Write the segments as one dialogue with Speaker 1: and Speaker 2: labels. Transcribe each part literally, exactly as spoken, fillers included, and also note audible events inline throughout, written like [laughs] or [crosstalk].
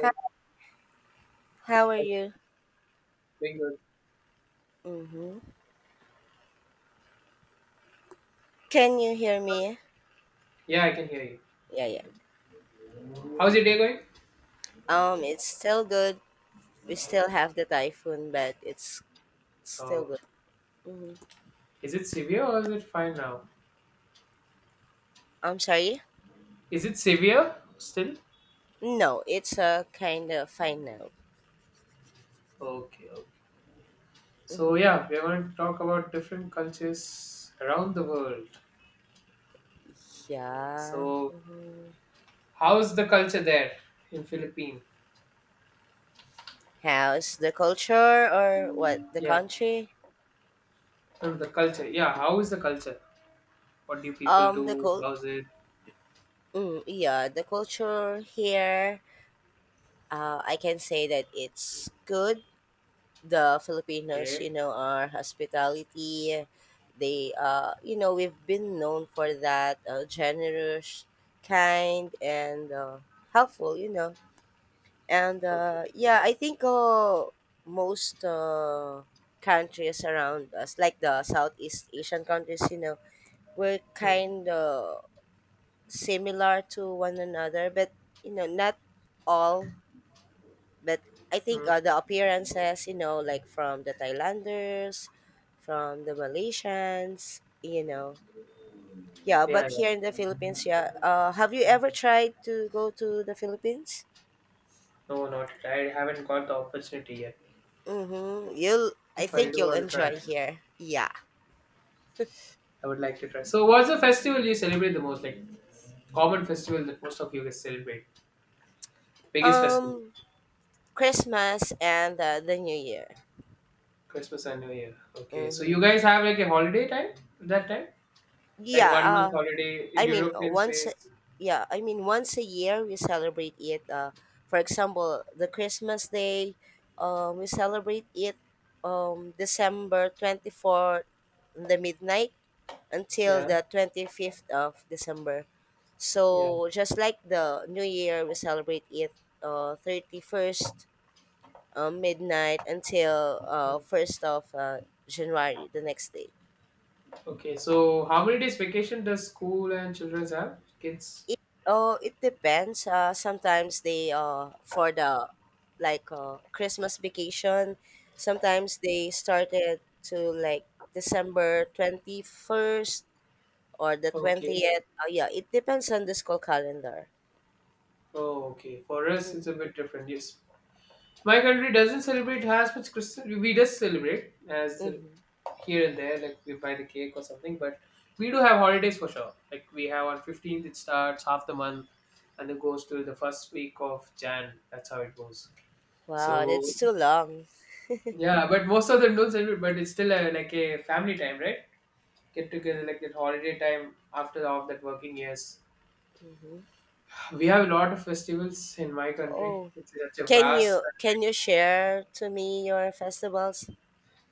Speaker 1: Hi, how are
Speaker 2: how's it
Speaker 1: you?
Speaker 2: going good?
Speaker 1: Mm-hmm. Can you hear me?
Speaker 2: Yeah, I can hear you.
Speaker 1: Yeah, yeah.
Speaker 2: How's your day going?
Speaker 1: Um, it's still good. We still have the typhoon, but it's still
Speaker 2: Oh,
Speaker 1: good. Mm-hmm.
Speaker 2: is it severe or is it fine now?
Speaker 1: I'm sorry?
Speaker 2: Is it severe still?
Speaker 1: No, it's uh, kind of fine now.
Speaker 2: Okay, okay. So
Speaker 1: Mm-hmm.
Speaker 2: yeah, we're going to talk about different cultures around the world.
Speaker 1: Yeah.
Speaker 2: So
Speaker 1: Mm-hmm.
Speaker 2: how's the culture there in Philippines?
Speaker 1: How's the culture or what? The
Speaker 2: Yeah,
Speaker 1: country?
Speaker 2: um, the culture. Yeah, how is the culture? What do people
Speaker 1: Um, the
Speaker 2: do?
Speaker 1: cult.
Speaker 2: How's it?
Speaker 1: Mm, yeah, the culture here. Uh, I can say that it's good. The Filipinos, you
Speaker 2: Okay,
Speaker 1: know, our hospitality. They, uh, you know, we've been known for that uh, generous, kind, and uh, helpful, you know. And
Speaker 2: okay.
Speaker 1: uh,
Speaker 2: Okay.
Speaker 1: yeah, I think uh, most uh, countries around us, like the Southeast Asian countries, you know, we're
Speaker 2: Hmm,
Speaker 1: kind of similar to one another, but, you know, not all but I think uh,
Speaker 2: hmm.
Speaker 1: the appearances, you know, like from the Thailanders, from the Malaysians, you know, yeah.
Speaker 2: Yeah,
Speaker 1: But here in
Speaker 2: yeah.
Speaker 1: the Philippines, yeah. Uh, have you ever tried to go to the Philippines?
Speaker 2: No, not. I haven't got the opportunity yet.
Speaker 1: Mm-hmm. You'll, I
Speaker 2: If I
Speaker 1: think
Speaker 2: do,
Speaker 1: you'll
Speaker 2: I'll try.
Speaker 1: enjoy here. Yeah.
Speaker 2: I would like to try. So, what's the festival you celebrate the most? Like common festival that most of you guys celebrate? Biggest festival?
Speaker 1: Um, Christmas and uh, the New Year.
Speaker 2: Christmas and New Year. Okay. So you
Speaker 1: Mm-hmm.
Speaker 2: guys have like a holiday time that time? Like
Speaker 1: Yeah.
Speaker 2: one month
Speaker 1: uh,
Speaker 2: holiday in
Speaker 1: I mean, uh,
Speaker 2: European
Speaker 1: once, a-
Speaker 2: space.
Speaker 1: yeah, I mean, Once a year we celebrate it. Uh, for example, the Christmas Day, um, we celebrate it um, December twenty-fourth, in the midnight, until
Speaker 2: Yeah.
Speaker 1: the twenty-fifth of December.
Speaker 2: Yeah.
Speaker 1: So, just like the New Year, we celebrate it uh, thirty-first, uh, midnight, until uh,
Speaker 2: Mm.
Speaker 1: first of uh, January, the next day.
Speaker 2: Okay. So how many days vacation does school and children have? Kids?
Speaker 1: It oh, it depends. Uh, sometimes they uh for the like uh, Christmas vacation. Sometimes they started to like December twenty first or the
Speaker 2: Okay.
Speaker 1: twentieth. Oh yeah, it depends on the school calendar.
Speaker 2: Oh, okay. For us, it's a bit different. Yes. My country doesn't celebrate as much Christmas. We just celebrate as
Speaker 1: Mm-hmm.
Speaker 2: here and there, like we buy the cake or something. But we do have holidays for sure. Like we have on fifteenth, it starts half the month, and it goes to the first week of Jan. That's how it goes.
Speaker 1: Wow,
Speaker 2: So
Speaker 1: that's too long.
Speaker 2: yeah, but most of them don't celebrate. But it's still a, like a family time, right? Get together like that holiday time after all that working years.
Speaker 1: Hmm.
Speaker 2: We have a lot of festivals in my country.
Speaker 1: Oh,
Speaker 2: It's such a
Speaker 1: can
Speaker 2: vast
Speaker 1: you
Speaker 2: country.
Speaker 1: can you share to me your festivals?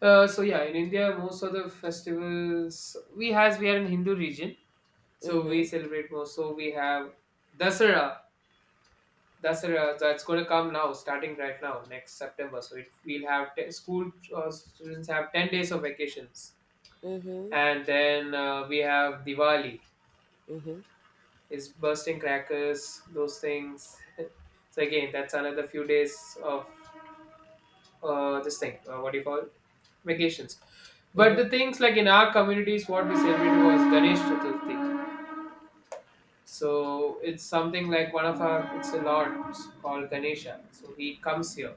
Speaker 2: Uh, so yeah, in India, most of the festivals we has we are in Hindu region. So we
Speaker 1: Mm-hmm.
Speaker 2: celebrate most. So we have Dasara. Dasara that's going to come now, starting right now, next September. So it, we'll have te- school uh, students have ten days of vacations,
Speaker 1: Mm-hmm.
Speaker 2: and then uh, we have Diwali.
Speaker 1: Mm-hmm.
Speaker 2: It's bursting crackers, those things. [laughs] So again, that's another few days of uh, this thing. Uh, what do you call it? Vacations? But
Speaker 1: Mm-hmm.
Speaker 2: the things like in our communities, what we celebrated was Ganesh Chaturthi. So it's something like one of our, it's a lord called Ganesha. So he comes here.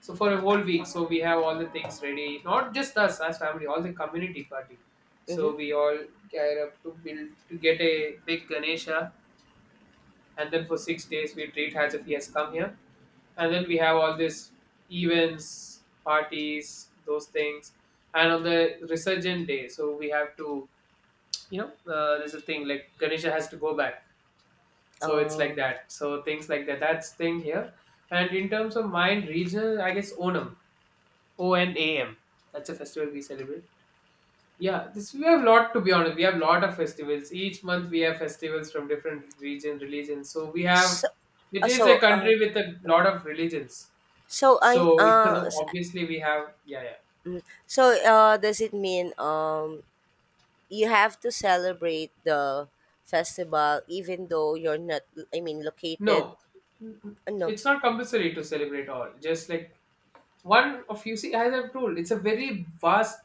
Speaker 2: So for a whole week, so we have all the things ready. Not just us as family, all the community party.
Speaker 1: Mm-hmm.
Speaker 2: So we all gear up to build to get a big Ganesha, and then for six days we treat as if he has come here. And then we have all these events, parties, those things. And on the resurgent day, so we have to, you know, uh, there's a thing like Ganesha has to go back, so it's like
Speaker 1: Oh,
Speaker 2: that, so things like that, that's thing here. And in terms of mine regional, I guess Onam, O N A M, that's a festival we celebrate. Yeah, this, we have a lot, to be honest. We have a lot of festivals. Each month we have festivals from different region religions. So we have,
Speaker 1: so
Speaker 2: it
Speaker 1: uh,
Speaker 2: is a
Speaker 1: so uh,
Speaker 2: country with a lot of religions,
Speaker 1: So
Speaker 2: so
Speaker 1: I'm
Speaker 2: [laughs] because
Speaker 1: uh s-
Speaker 2: obviously we have, yeah, yeah.
Speaker 1: so uh does it mean um you have to celebrate the festival even though you're not I mean located
Speaker 2: No,
Speaker 1: ano.
Speaker 2: it's not compulsory to celebrate all. Just like one of you see, as I've told, it's a very vast,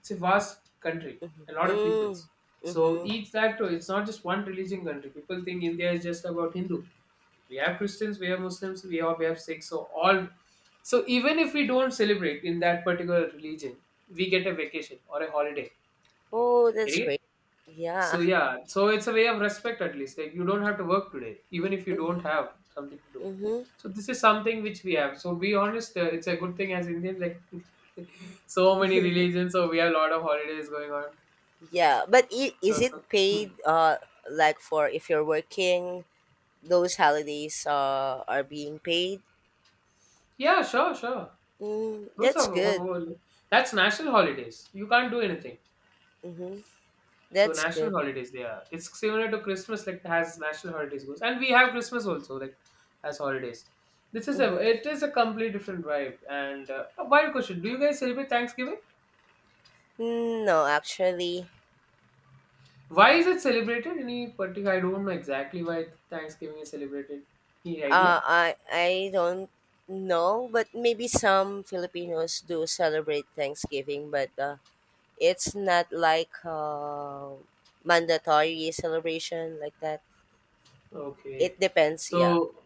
Speaker 2: it's a vast country, a lot of
Speaker 1: Mm,
Speaker 2: peoples. So
Speaker 1: mhm.
Speaker 2: each that too, it's not just one religion country. People think India is just about Hindu. We have Christians, we have Muslims, we have we have Sikhs. So all, so even if we don't celebrate in that particular religion, we get a vacation or a holiday.
Speaker 1: Oh, that's
Speaker 2: Getting it?
Speaker 1: great. Yeah.
Speaker 2: So yeah, so it's a way of respect at least. Like you don't have to work today, even if you don't
Speaker 1: Mhm.
Speaker 2: have something to do.
Speaker 1: Mhm.
Speaker 2: So this is something which we have. So be honest, uh, it's a good thing as Indian. Like [laughs] so many religions, so we have a lot of holidays going on.
Speaker 1: yeah but i-
Speaker 2: So,
Speaker 1: is it
Speaker 2: so- hmm.
Speaker 1: paid uh like for if you're working those holidays uh are being paid.
Speaker 2: Yeah, sure, sure.
Speaker 1: Mm,
Speaker 2: Those
Speaker 1: that's
Speaker 2: are ho-
Speaker 1: good.
Speaker 2: ho- that's national holidays. You can't do anything.
Speaker 1: Mhm,
Speaker 2: So
Speaker 1: that's
Speaker 2: national
Speaker 1: good.
Speaker 2: holidays, they are. It's similar to Christmas, like has national holidays goes, and we have Christmas also, like as holidays. This is a
Speaker 1: Mhm,
Speaker 2: it is a completely different vibe. And uh, a wild question: Do you guys celebrate Thanksgiving?
Speaker 1: no actually.
Speaker 2: Why is it celebrated? Any particular? I don't know exactly why Thanksgiving is celebrated. Any
Speaker 1: Uh,
Speaker 2: idea?
Speaker 1: I I don't know, but maybe some Filipinos do celebrate Thanksgiving, but uh, it's not like uh, mandatory celebration like that. It
Speaker 2: Okay,
Speaker 1: depends, yeah.
Speaker 2: so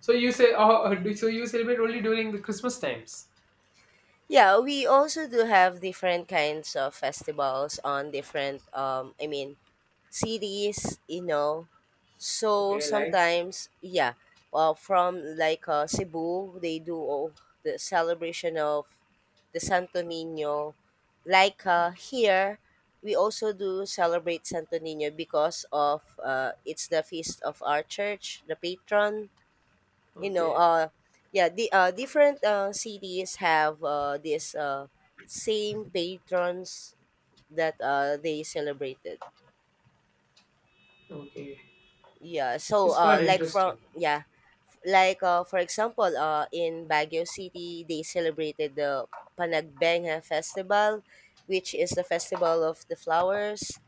Speaker 2: so you say oh, do- so you celebrate only during the Christmas times.
Speaker 1: Yeah, we also do have different kinds of festivals on different um I mean series, you know. So
Speaker 2: Okay, like
Speaker 1: sometimes, yeah, uh, from like uh, Cebu, they do oh, the celebration of the Santo Nino. Like uh, here, we also do celebrate Santo Nino because of uh, it's the feast of our church, the patron. You know,
Speaker 2: okay,
Speaker 1: uh, yeah, the uh, different uh, cities have uh, this uh, same patrons that uh, they celebrated.
Speaker 2: okay.
Speaker 1: Yeah, so
Speaker 2: It's fun,
Speaker 1: uh like from
Speaker 2: interesting.
Speaker 1: yeah, like uh for example, uh in Baguio City they celebrated the Panagbenga festival, which is the festival of the flowers.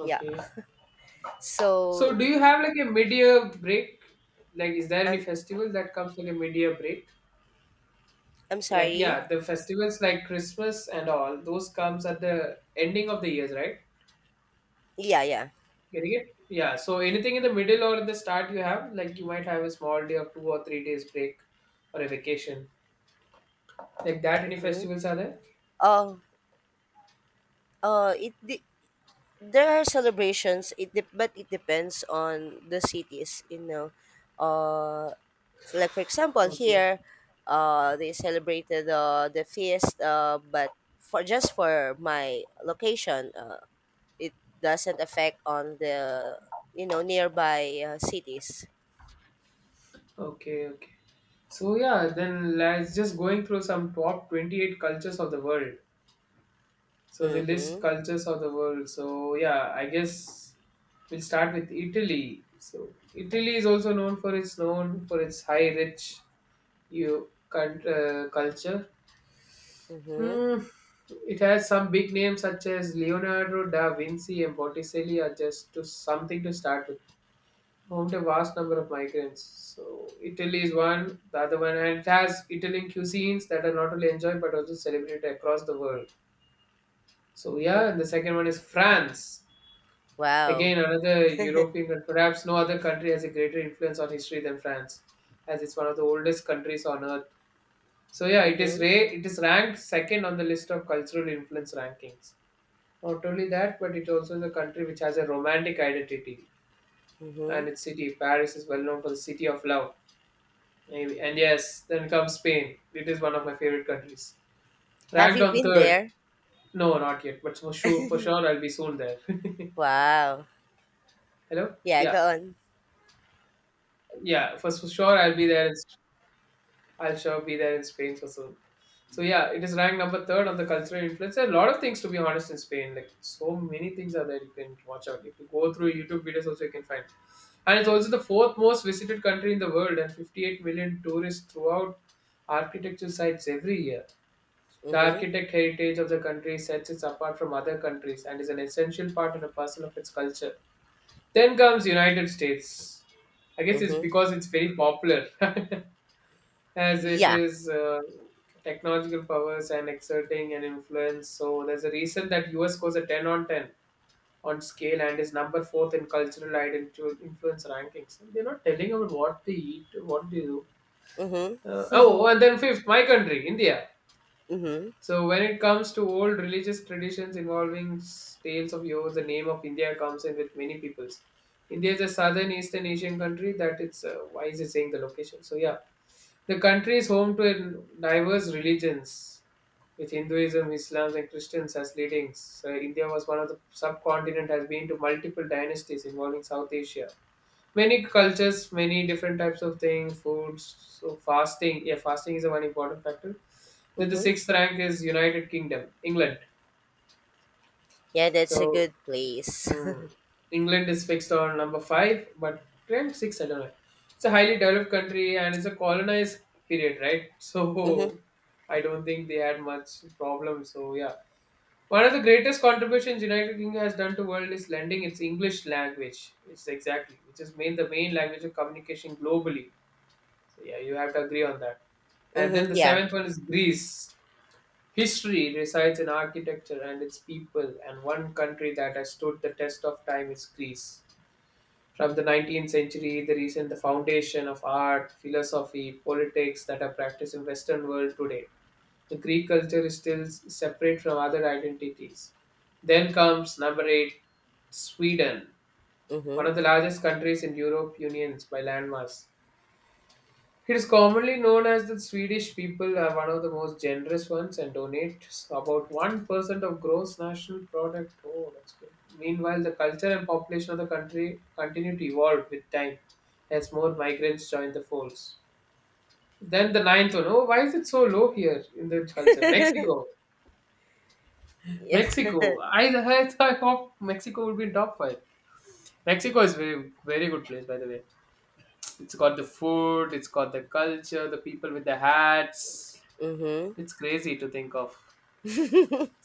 Speaker 1: Yeah.
Speaker 2: So
Speaker 1: So
Speaker 2: do you have like a mid-year break? Like is there any
Speaker 1: I'm
Speaker 2: festival that comes like a mid-year break?
Speaker 1: I'm
Speaker 2: Like yeah,
Speaker 1: sorry.
Speaker 2: the festivals like Christmas and all, those comes at the ending of the years, right?
Speaker 1: Yeah, yeah.
Speaker 2: Getting it? Yeah. So anything in the middle or in the start you have, like you might have a small day of two or three days break or a vacation. Like that any
Speaker 1: Mhm.
Speaker 2: festivals are there?
Speaker 1: Oh, uh it de- there are celebrations it de- but it depends on the cities, you know. Uh f- like for example
Speaker 2: Okay.
Speaker 1: here uh they celebrated uh, the feast uh, but for just for my location uh, it doesn't affect on the you know nearby uh, cities.
Speaker 2: Okay, okay. So yeah, then let's just going through some top twenty-eight cultures of the world. So they list
Speaker 1: Mhm.
Speaker 2: cultures of the world. So yeah, I guess we'll start with Italy. So Italy is also known for its known for its high rich you cult, uh, culture.
Speaker 1: Mhm.
Speaker 2: Hmm, it has some big names such as Leonardo da Vinci and Botticelli are just to something to start with. Home to a vast number of migrants. So Italy is one, the other one, and it has Italian cuisines that are not only enjoyed but also celebrated across the world. So
Speaker 1: Mhm.
Speaker 2: yeah, the second one is France.
Speaker 1: Wow.
Speaker 2: Again, another European, and perhaps no other country has a greater influence on history than France, as it's one of the oldest countries on earth. So yeah, it is
Speaker 1: Mhm.
Speaker 2: ra- it is ranked second on the list of cultural influence rankings. Not only that, but it also is a country which has a romantic identity,
Speaker 1: Mhm.
Speaker 2: and its city Paris is well known for the city of love. Maybe and yes, then comes Spain. It is one of my favorite countries.
Speaker 1: Have
Speaker 2: Ranked
Speaker 1: you
Speaker 2: on
Speaker 1: been
Speaker 2: third.
Speaker 1: there?
Speaker 2: No, not yet, but for sure, for sure, I'll be soon there.
Speaker 1: Wow,
Speaker 2: [laughs] Hello.
Speaker 1: yeah,
Speaker 2: Yeah.
Speaker 1: go on.
Speaker 2: Yeah, for for sure I'll be there. In, I'll sure be there in Spain for soon. So yeah, it is ranked number third on the cultural influence. There are a lot of things to be honest in Spain. Like so many things are there you can watch out. If you go through YouTube videos, also you can find. And it's also the fourth most visited country in the world, and fifty-eight million tourists throughout architecture sites every year. The
Speaker 1: Mhm.
Speaker 2: architect heritage of the country sets it apart from other countries and is an essential part and a parcel of its culture. Then comes United States. I guess it's
Speaker 1: Mhm.
Speaker 2: because it's very popular, [laughs] as it
Speaker 1: Yeah.
Speaker 2: is uh, technological powers and exerting an influence. So there's a reason that U S scores a ten on ten on scale and is number fourth in cultural identity influence rankings. And they're not telling about what they eat, what they do.
Speaker 1: Mhm.
Speaker 2: Uh, oh,
Speaker 1: Mhm.
Speaker 2: and then fifth, my country, India. So when it comes to old religious traditions involving s- tales of yore, the name of India comes in with many peoples. India is a southern Eastern Asian country that it's uh, why is it saying the location? So yeah, the country is home to a diverse religions, with Hinduism, Islam, and Christians as leadings. So India was one of the subcontinent has been to multiple dynasties involving South Asia many cultures, many different types of things, foods. So fasting, yeah, fasting is a one important factor. Then the
Speaker 1: Mhm.
Speaker 2: sixth rank is United Kingdom, England.
Speaker 1: [laughs] Yeah, that's a
Speaker 2: So
Speaker 1: good place.
Speaker 2: hmm, England is fixed on number five, but rank six, I don't know. It's a highly developed country and it's a colonized period, right? [laughs]
Speaker 1: [laughs] Mhm.
Speaker 2: So I don't think they had much problem. So yeah. One of the greatest contributions United Kingdom has done to world is lending its English language. It's exactly, which has made the main language of communication globally. So yeah, you have to agree on that. And then
Speaker 1: Mhm.
Speaker 2: the
Speaker 1: Yeah.
Speaker 2: seventh one is Greece. History resides in architecture and its people, and one country that has stood the test of time is Greece. From the nineteenth century, the reason the foundation of art, philosophy, politics that are practiced in Western world today. The Greek culture is still s- separate from other identities. Then comes number eight, Sweden, one
Speaker 1: Mhm.
Speaker 2: of the largest countries in Europe Unions by landmass. It is commonly known as the Swedish people are one of the most generous ones and donate about one percent of gross national product. Oh, that's good. Meanwhile, the culture and population of the country continue to evolve with time as more migrants join the folds. Then the ninth one. Oh, why is it so low here in the culture? Mexico.
Speaker 1: Yeah. [laughs]
Speaker 2: Mexico. I, I thought Mexico would be in top five. Mexico is very very good place by the way. It's got the food, it's got the culture, the people with the hats.
Speaker 1: Mm-hmm.
Speaker 2: It's crazy to think of.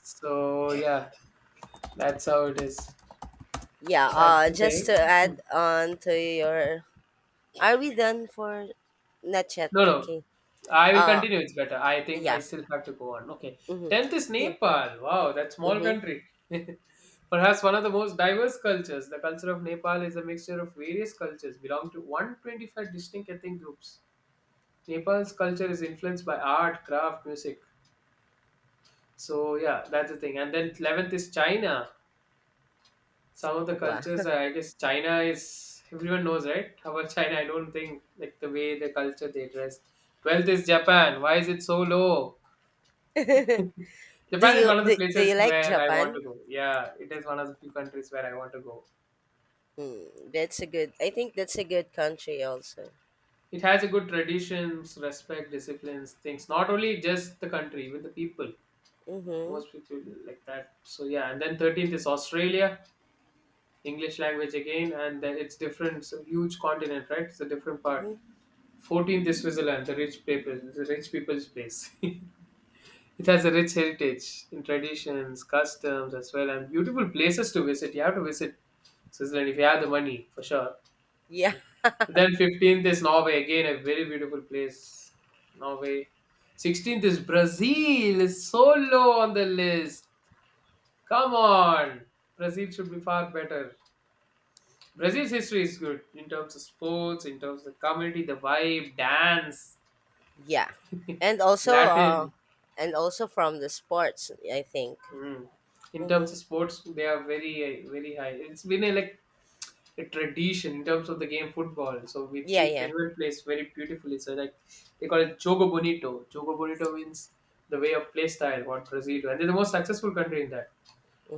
Speaker 2: So yeah, that's how it is.
Speaker 1: Yeah.
Speaker 2: That's
Speaker 1: Uh,
Speaker 2: the
Speaker 1: just
Speaker 2: thing.
Speaker 1: to
Speaker 2: Hmm.
Speaker 1: add on to your, are we done for? Not yet.
Speaker 2: No, no.
Speaker 1: Okay.
Speaker 2: I will
Speaker 1: Uh.
Speaker 2: continue. It's better. I think I
Speaker 1: Yeah.
Speaker 2: still have to go on. Okay.
Speaker 1: Mm-hmm.
Speaker 2: Tenth is
Speaker 1: Yeah.
Speaker 2: Nepal. Wow, that small
Speaker 1: Mm-hmm.
Speaker 2: country. [laughs] Perhaps one of the most diverse cultures. The culture of Nepal is a mixture of various cultures, belong to one hundred twenty-five distinct ethnic groups. Nepal's culture is influenced by art, craft, music. So yeah, that's the thing. And then eleventh is China. Some of the
Speaker 1: Wow.
Speaker 2: cultures,
Speaker 1: [laughs]
Speaker 2: I guess, China is everyone knows, right? [laughs] About China, I don't think like the way the culture they dress. twelfth is Japan. Why is it so low?
Speaker 1: Do
Speaker 2: Japan is
Speaker 1: you
Speaker 2: one of the
Speaker 1: do, do
Speaker 2: places
Speaker 1: you like
Speaker 2: where I want to
Speaker 1: Japan?
Speaker 2: go. Yeah, it is one of the few countries where I want to go.
Speaker 1: Hmm. That's a good. I think that's a good country also.
Speaker 2: It has a good traditions, respect, disciplines things, not only just the country, even the people,
Speaker 1: Mm-hmm.
Speaker 2: most people like that. So yeah, and then thirteenth is Australia. English language again, and then it's different, so huge continent, right? It's a different part.
Speaker 1: Mm-hmm.
Speaker 2: fourteenth is Switzerland, the rich people, the rich people's place. [laughs] It has a rich heritage in traditions, customs as well, and beautiful places to visit. You have to visit Switzerland if you have the money, for sure.
Speaker 1: Yeah.
Speaker 2: And then fifteenth is Norway, again a very beautiful place. Norway. sixteenth is Brazil, is so low on the list. Come on, Brazil should be far better. Brazil's history is good in terms of sports, in terms of the community, the vibe, dance,
Speaker 1: Yeah. And
Speaker 2: [laughs]
Speaker 1: also. Uh.
Speaker 2: Latin.
Speaker 1: And also from the sports. I think.
Speaker 2: Mm. In terms
Speaker 1: Mm-hmm.
Speaker 2: of sports, they are very, uh, very high. It's been a, like a tradition in terms of the game football. So we
Speaker 1: Yeah.
Speaker 2: think
Speaker 1: Yeah.
Speaker 2: Finland plays very beautifully. So like they call it jogo bonito. Jogo bonito means the way of play style what Brazil do, and they're the most successful country in that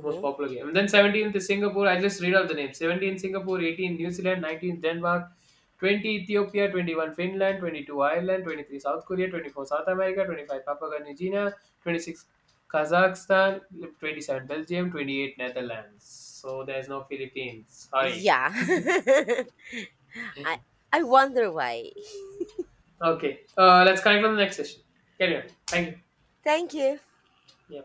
Speaker 2: most popular game. And then seventeenth is Singapore. I just read out the names. seventeen Singapore, eighteen New Zealand, nineteen Denmark, twenty Ethiopia, twenty-one Finland, twenty-two Ireland, twenty-three South Korea, twenty-four South America, twenty-five Papua New Guinea, twenty-six Kazakhstan, twenty-seven Belgium, twenty-eight Netherlands. So there's no Philippines. Sorry.
Speaker 1: Yeah. [laughs] I
Speaker 2: [laughs]
Speaker 1: I wonder why.
Speaker 2: Okay. Uh, let's connect on the next session. Carry on. Thank you.
Speaker 1: Thank you.
Speaker 2: Yeah.